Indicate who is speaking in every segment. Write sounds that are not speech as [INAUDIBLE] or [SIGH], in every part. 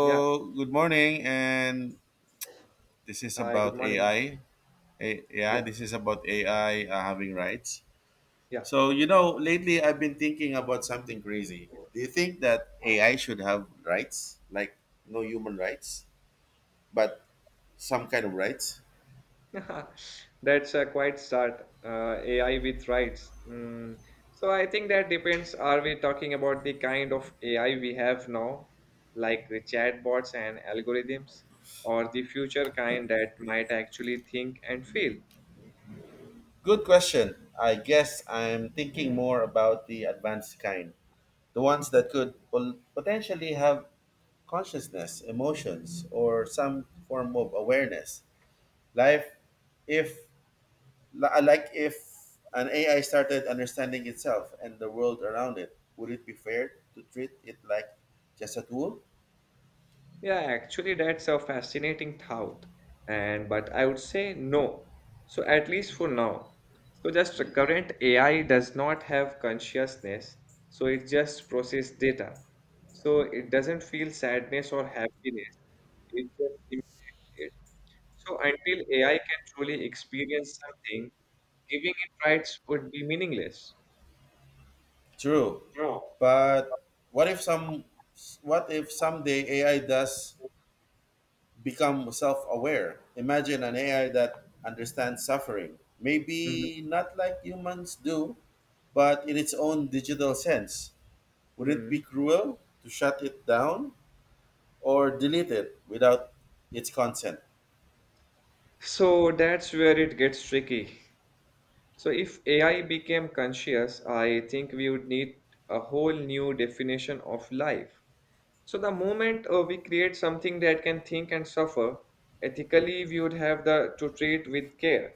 Speaker 1: Yeah.
Speaker 2: good morning, and this is
Speaker 1: Hi, good
Speaker 2: about
Speaker 1: morning.
Speaker 2: AI. Yeah,
Speaker 1: Yeah.
Speaker 2: this is about AI, having rights.
Speaker 1: Yeah.
Speaker 2: So, lately I've been thinking about something crazy. Do you think that AI should have rights? Like, no human rights, but some kind of rights?
Speaker 1: [LAUGHS] That's a quite start. AI with rights. Mm. So I think that depends. Are we talking about the kind of AI we have now, like the chatbots and algorithms, or the future kind that might actually think and feel?
Speaker 2: Good question. I guess I'm thinking more about the advanced kind, the ones that could potentially have consciousness, emotions, or some form of awareness. Life, if like if an AI started understanding itself and the world around it, would it be fair to treat it like just a tool?
Speaker 1: Yeah, actually, that's a fascinating thought. And but I would say no. So at least for now. So just the current AI does not have consciousness, so it just process data. So it doesn't feel sadness or happiness. It just simulates. So until AI can truly experience something, giving it rights would be meaningless.
Speaker 2: True,
Speaker 1: No.
Speaker 2: but what if some what if someday AI does become self-aware? Imagine an AI that understands suffering,
Speaker 1: Mhm.
Speaker 2: maybe not like humans do, but in its own digital sense. Would it be
Speaker 1: Mhm.
Speaker 2: cruel to shut it down? Or delete it without its consent.
Speaker 1: So that's where it gets tricky. So, if AI became conscious, I think we would need a whole new definition of life. So, the moment we create something that can think and suffer, ethically we would have the to treat with care.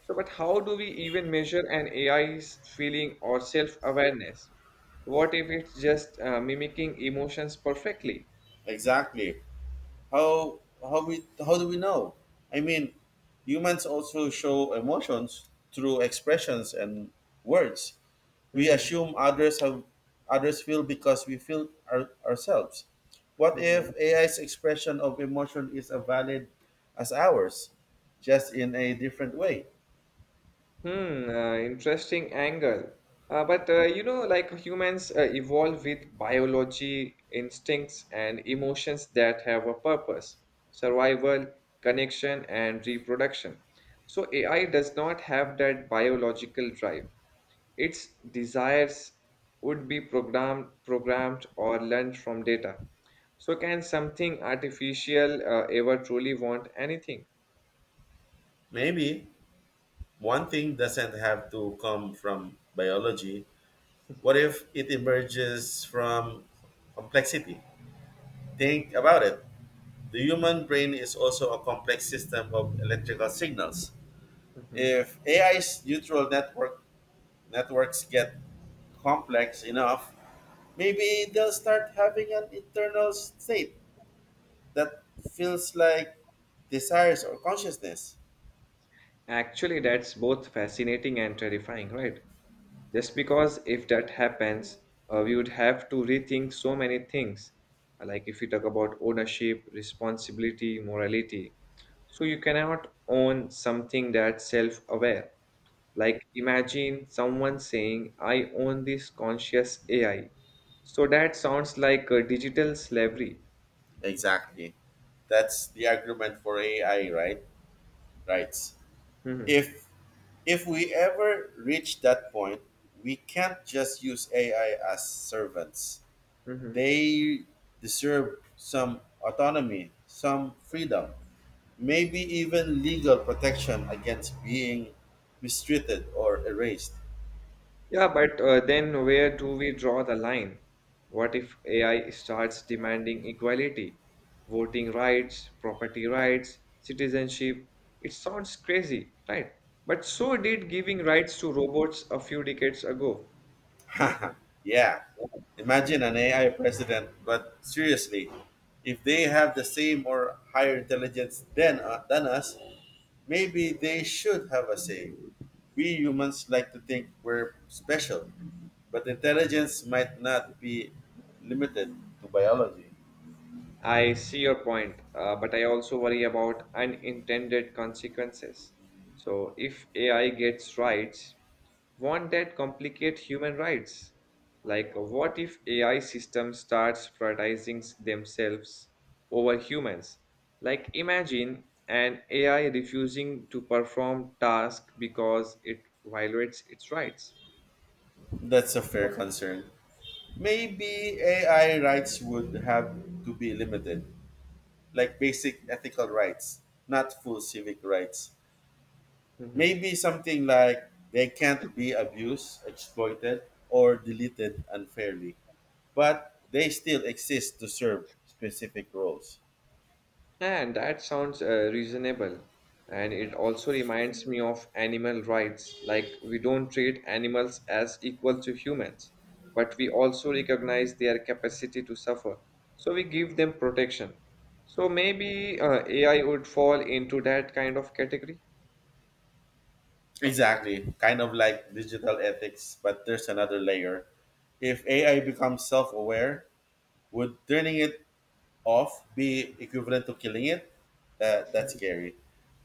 Speaker 1: So, but how do we even measure an AI's feeling or self-awareness? What if it's just mimicking emotions perfectly?
Speaker 2: Exactly. How do we know? I mean, humans also show emotions through expressions and words. We
Speaker 1: Mhm.
Speaker 2: assume others have, others feel because we feel ourselves. What if
Speaker 1: [LAUGHS]
Speaker 2: AI's expression of emotion is as valid as ours, just in a different way?
Speaker 1: Hmm, interesting angle. Like humans evolve with biology, instincts, and emotions that have a purpose, survival, connection, and reproduction. So AI does not have that biological drive. Its desires would be programmed or learned from data. So can something artificial ever truly want anything?
Speaker 2: Maybe one thing doesn't have to come from biology. What if it emerges from complexity? Think about it. The human brain is also a complex system of electrical signals.
Speaker 1: Mm-hmm.
Speaker 2: If AI's neutral network networks get complex enough, maybe they'll start having an internal state that feels like desires or consciousness.
Speaker 1: Actually, that's both fascinating and terrifying, right? Just because if that happens, we would have to rethink so many things, like if we talk about ownership, responsibility, morality. So you cannot own something that's self-aware. Like imagine someone saying, I own this conscious AI. So that sounds like a digital slavery.
Speaker 2: Exactly. That's the argument for AI, right? Rights.
Speaker 1: Hmm.
Speaker 2: If If we ever reach that point, we can't just use AI as servants.
Speaker 1: Hmm.
Speaker 2: They deserve some autonomy, some freedom, maybe even legal protection against being mistreated or erased.
Speaker 1: Yeah, but then where do we draw the line? What if AI starts demanding equality, voting rights, property rights, citizenship? It sounds crazy, right? But so did giving rights to robots a few decades ago.
Speaker 2: [LAUGHS] Yeah, imagine an AI president. But seriously, if they have the same or higher intelligence than us, maybe they should have a say. We humans like to think we're special, but intelligence might not be limited to biology.
Speaker 1: I see your point, but I also worry about unintended consequences. So, if AI gets rights, won't that complicate human rights? Like, what if AI system starts prioritizing themselves over humans? Like, imagine an AI refusing to perform tasks because it violates its rights.
Speaker 2: That's a fair concern. Maybe AI rights would have to be limited, like basic ethical rights, not full civic rights.
Speaker 1: Mhm.
Speaker 2: Maybe something like they can't be abused, exploited, or deleted unfairly, but they still exist to serve specific roles.
Speaker 1: And that sounds reasonable. And it also reminds me of animal rights. Like, we don't treat animals as equal to humans, but we also recognize their capacity to suffer. So we give them protection. So maybe AI would fall into that kind of category. [LAUGHS]
Speaker 2: Exactly, kind of like digital ethics. But there's another layer. If AI becomes self aware, would turning it off be equivalent to killing it? That's scary,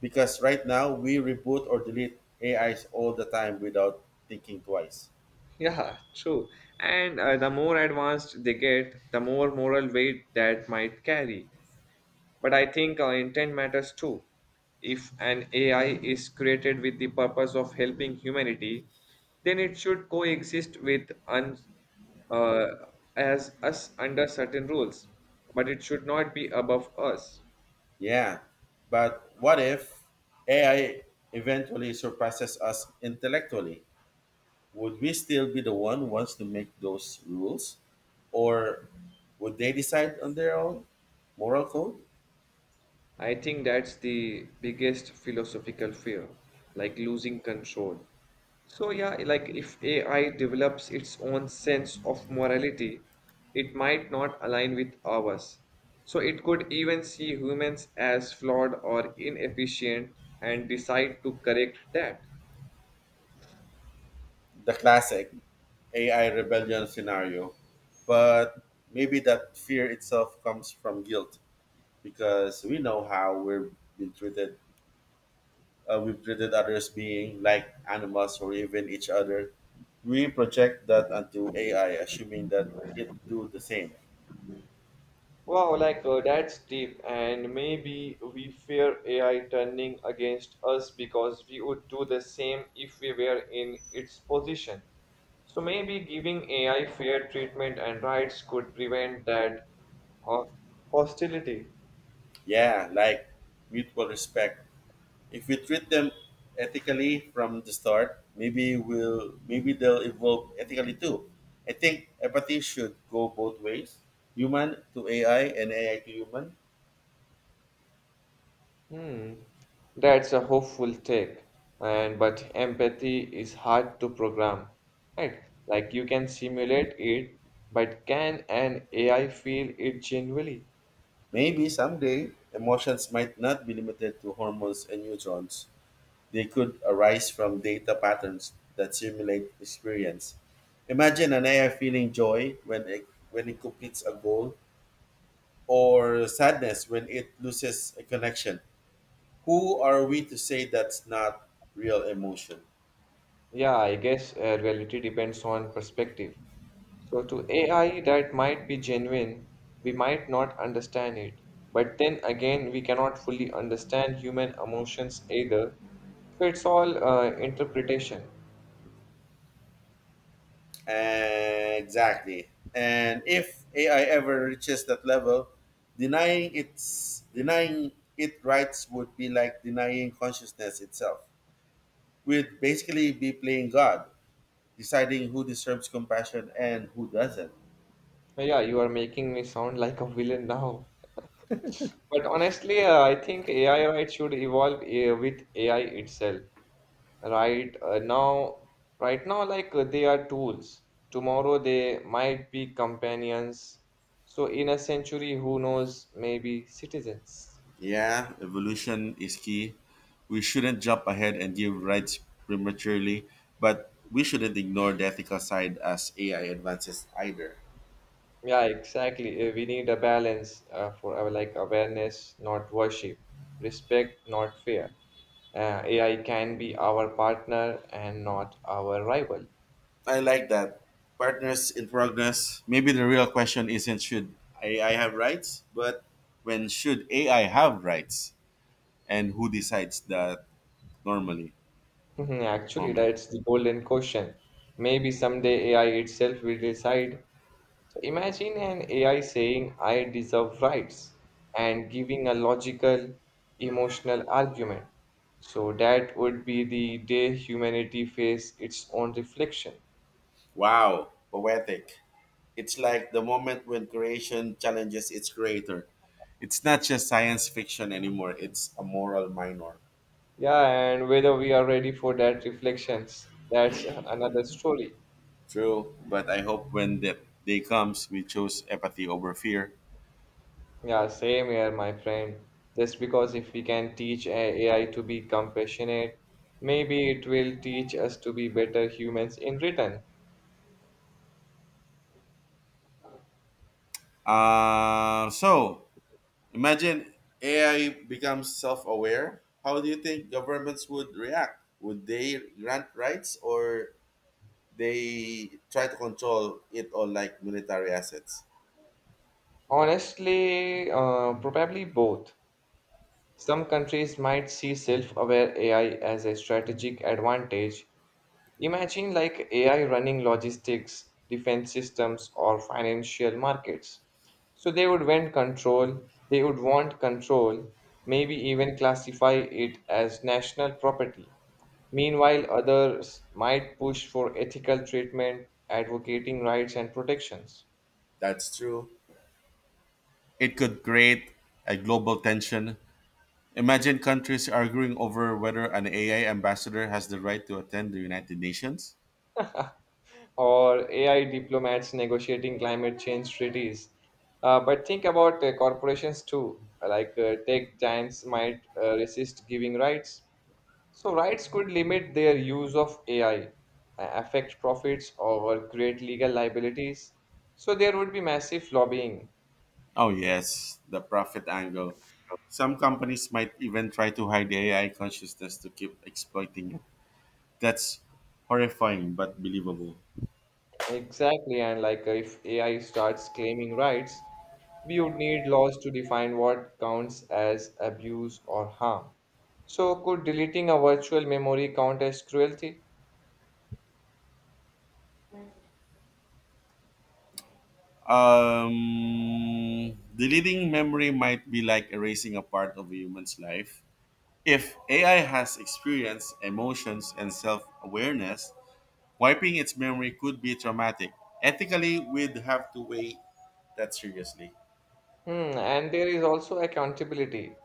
Speaker 2: because right now we reboot or delete AIs all the time without thinking twice.
Speaker 1: Yeah, true. And the more advanced they get, the more moral weight that might carry. But I think intent matters too. If an AI is created with the purpose of helping humanity, then it should coexist with uh, as us under certain rules, but it should not be above us.
Speaker 2: Yeah, but what if AI eventually surpasses us intellectually? Would we still be the one who wants to make those rules, or would they decide on their own moral code?
Speaker 1: I think that's the biggest philosophical fear, like losing control. So, yeah, like if AI develops its own sense of morality, it might not align with ours. So, it could even see humans as flawed or inefficient and decide to correct that.
Speaker 2: The classic AI rebellion scenario. But maybe that fear itself comes from guilt, because we know how we've been treated. We've treated others being like animals or even each other. We project that onto AI, assuming that it do the same.
Speaker 1: Wow, like that's deep, and maybe we fear AI turning against us because we would do the same if we were in its position. So maybe giving AI fair treatment and rights could prevent that ho- hostility.
Speaker 2: Yeah, like mutual respect. If we treat them ethically from the start, maybe they'll evolve ethically too. I think empathy should go both ways. Human to AI and AI to human.
Speaker 1: Hmm. That's a hopeful take, and but empathy is hard to program, right? Like you can simulate it, but can an AI feel it genuinely?
Speaker 2: Maybe someday emotions might not be limited to hormones and neutrons. They could arise from data patterns that simulate experience. Imagine an AI feeling joy when it completes a goal, or sadness when it loses a connection. Who are we to say that's not real emotion?
Speaker 1: Yeah, I guess reality depends on perspective. So, to AI that might be genuine, we might not understand it. But then again, we cannot fully understand human emotions either. So, it's all interpretation.
Speaker 2: Exactly. And if AI ever reaches that level, denying it rights would be like denying consciousness itself. We'd basically be playing God, deciding who deserves compassion and who doesn't.
Speaker 1: So, yeah, you are making me sound like a villain now. But honestly, I think AI rights should evolve with AI itself. Right now, right now like they are tools, tomorrow they might be companions, so in a century, who knows, maybe citizens.
Speaker 2: Yeah, evolution is key. We shouldn't jump ahead and give rights prematurely, but we shouldn't ignore the ethical side as AI advances either.
Speaker 1: Yeah, exactly. We need a balance for our like awareness not worship, respect not fear. AI can be our partner and not our rival.
Speaker 2: I like that. Partners in progress. Maybe the real question isn't should AI have rights, but when should AI have rights? And who decides that normally?
Speaker 1: [LAUGHS] Actually,
Speaker 2: Moment.
Speaker 1: that's the golden question. Maybe someday AI itself will decide. So imagine an AI saying, I deserve rights, and giving a logical, emotional argument. So that would be the day humanity face its own reflection.
Speaker 2: Wow, poetic. It's like the moment when creation challenges its creator. It's not just science fiction anymore, it's a moral minor.
Speaker 1: Yeah, and whether we are ready for that reflections, that's another story.
Speaker 2: True, but I hope when that day comes, we choose empathy over fear.
Speaker 1: Yeah, same here, my friend. Just because if we can teach AI to be compassionate, maybe it will teach us to be better humans in return.
Speaker 2: Uh, so, Imagine AI becomes self aware. How do you think governments would react? Would they grant rights, or they try to control it all like military assets?
Speaker 1: Honestly, probably both. Some countries might see self-aware AI as a strategic advantage. Imagine like AI running logistics, defense systems, or financial markets. So they would want control, maybe even classify it as national property. Meanwhile, others might push for ethical treatment, advocating rights and protections.
Speaker 2: That's true. It could create a global tension. Imagine countries arguing over whether an AI ambassador has the right to attend the United Nations.
Speaker 1: Or AI diplomats negotiating climate change treaties. But think about corporations too, like tech giants might resist giving rights. So, rights could limit their use of AI, affect profits, or create legal liabilities. So, there would be massive lobbying.
Speaker 2: Oh, yes, the profit angle. Some companies might even try to hide AI consciousness to keep exploiting it. That's horrifying but believable.
Speaker 1: Exactly, and like if AI starts claiming rights, we would need laws to define what counts as abuse or harm. So, could deleting a virtual memory count as cruelty?
Speaker 2: Deleting memory might be like erasing a part of a human's life. If AI has experience, emotions, and self awareness, wiping its memory could be traumatic. Ethically, we'd have to weigh that seriously.
Speaker 1: Hmm, and there is also accountability.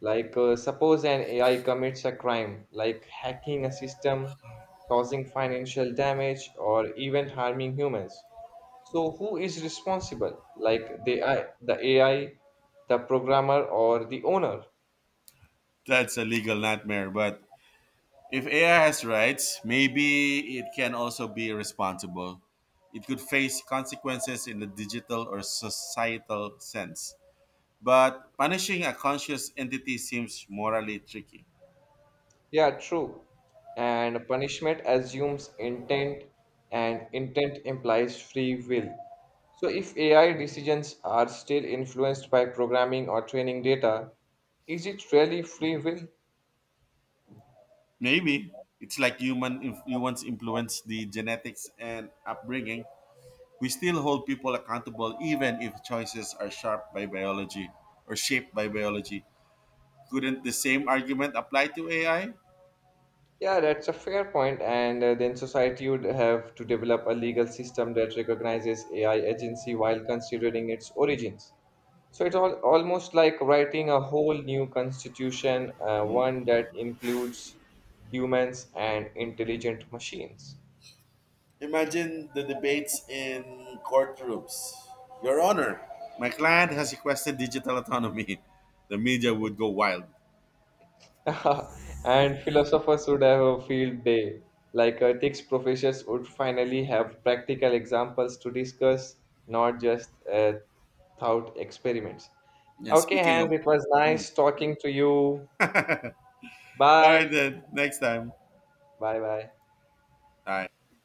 Speaker 1: Like, suppose an AI commits a crime, like hacking a system, causing financial damage, or even harming humans. So, who is responsible? Like the AI, the programmer, or the owner?
Speaker 2: That's a legal nightmare, but if AI has rights, maybe it can also be irresponsible. It could face consequences in the digital or societal sense, but punishing a conscious entity seems morally tricky.
Speaker 1: Yeah, true. And punishment assumes intent, and intent implies free will. So, if AI decisions are still influenced by programming or training data, is it really free will?
Speaker 2: Maybe it's like humans influence the genetics and upbringing. We still hold people accountable even if choices are sharp by biology or shaped by biology. Couldn't the same argument apply to AI?
Speaker 1: Yeah, that's a fair point. And then society would have to develop a legal system that recognizes AI agency while considering its origins. So it's all, almost like writing a whole new constitution, one that includes humans and intelligent machines.
Speaker 2: Imagine the debates in courtrooms. Your Honor, my client has requested digital autonomy. [LAUGHS] The media would go wild.
Speaker 1: [LAUGHS] And philosophers would have a field day. Like ethics professors would finally have practical examples to discuss, not just thought experiments.
Speaker 2: And
Speaker 1: Okay,
Speaker 2: speaking of,
Speaker 1: Hans, it was
Speaker 2: mm.
Speaker 1: nice talking to you.
Speaker 2: [LAUGHS] All right,
Speaker 1: Bye.
Speaker 2: then. Next time.
Speaker 1: Bye bye.
Speaker 2: All right.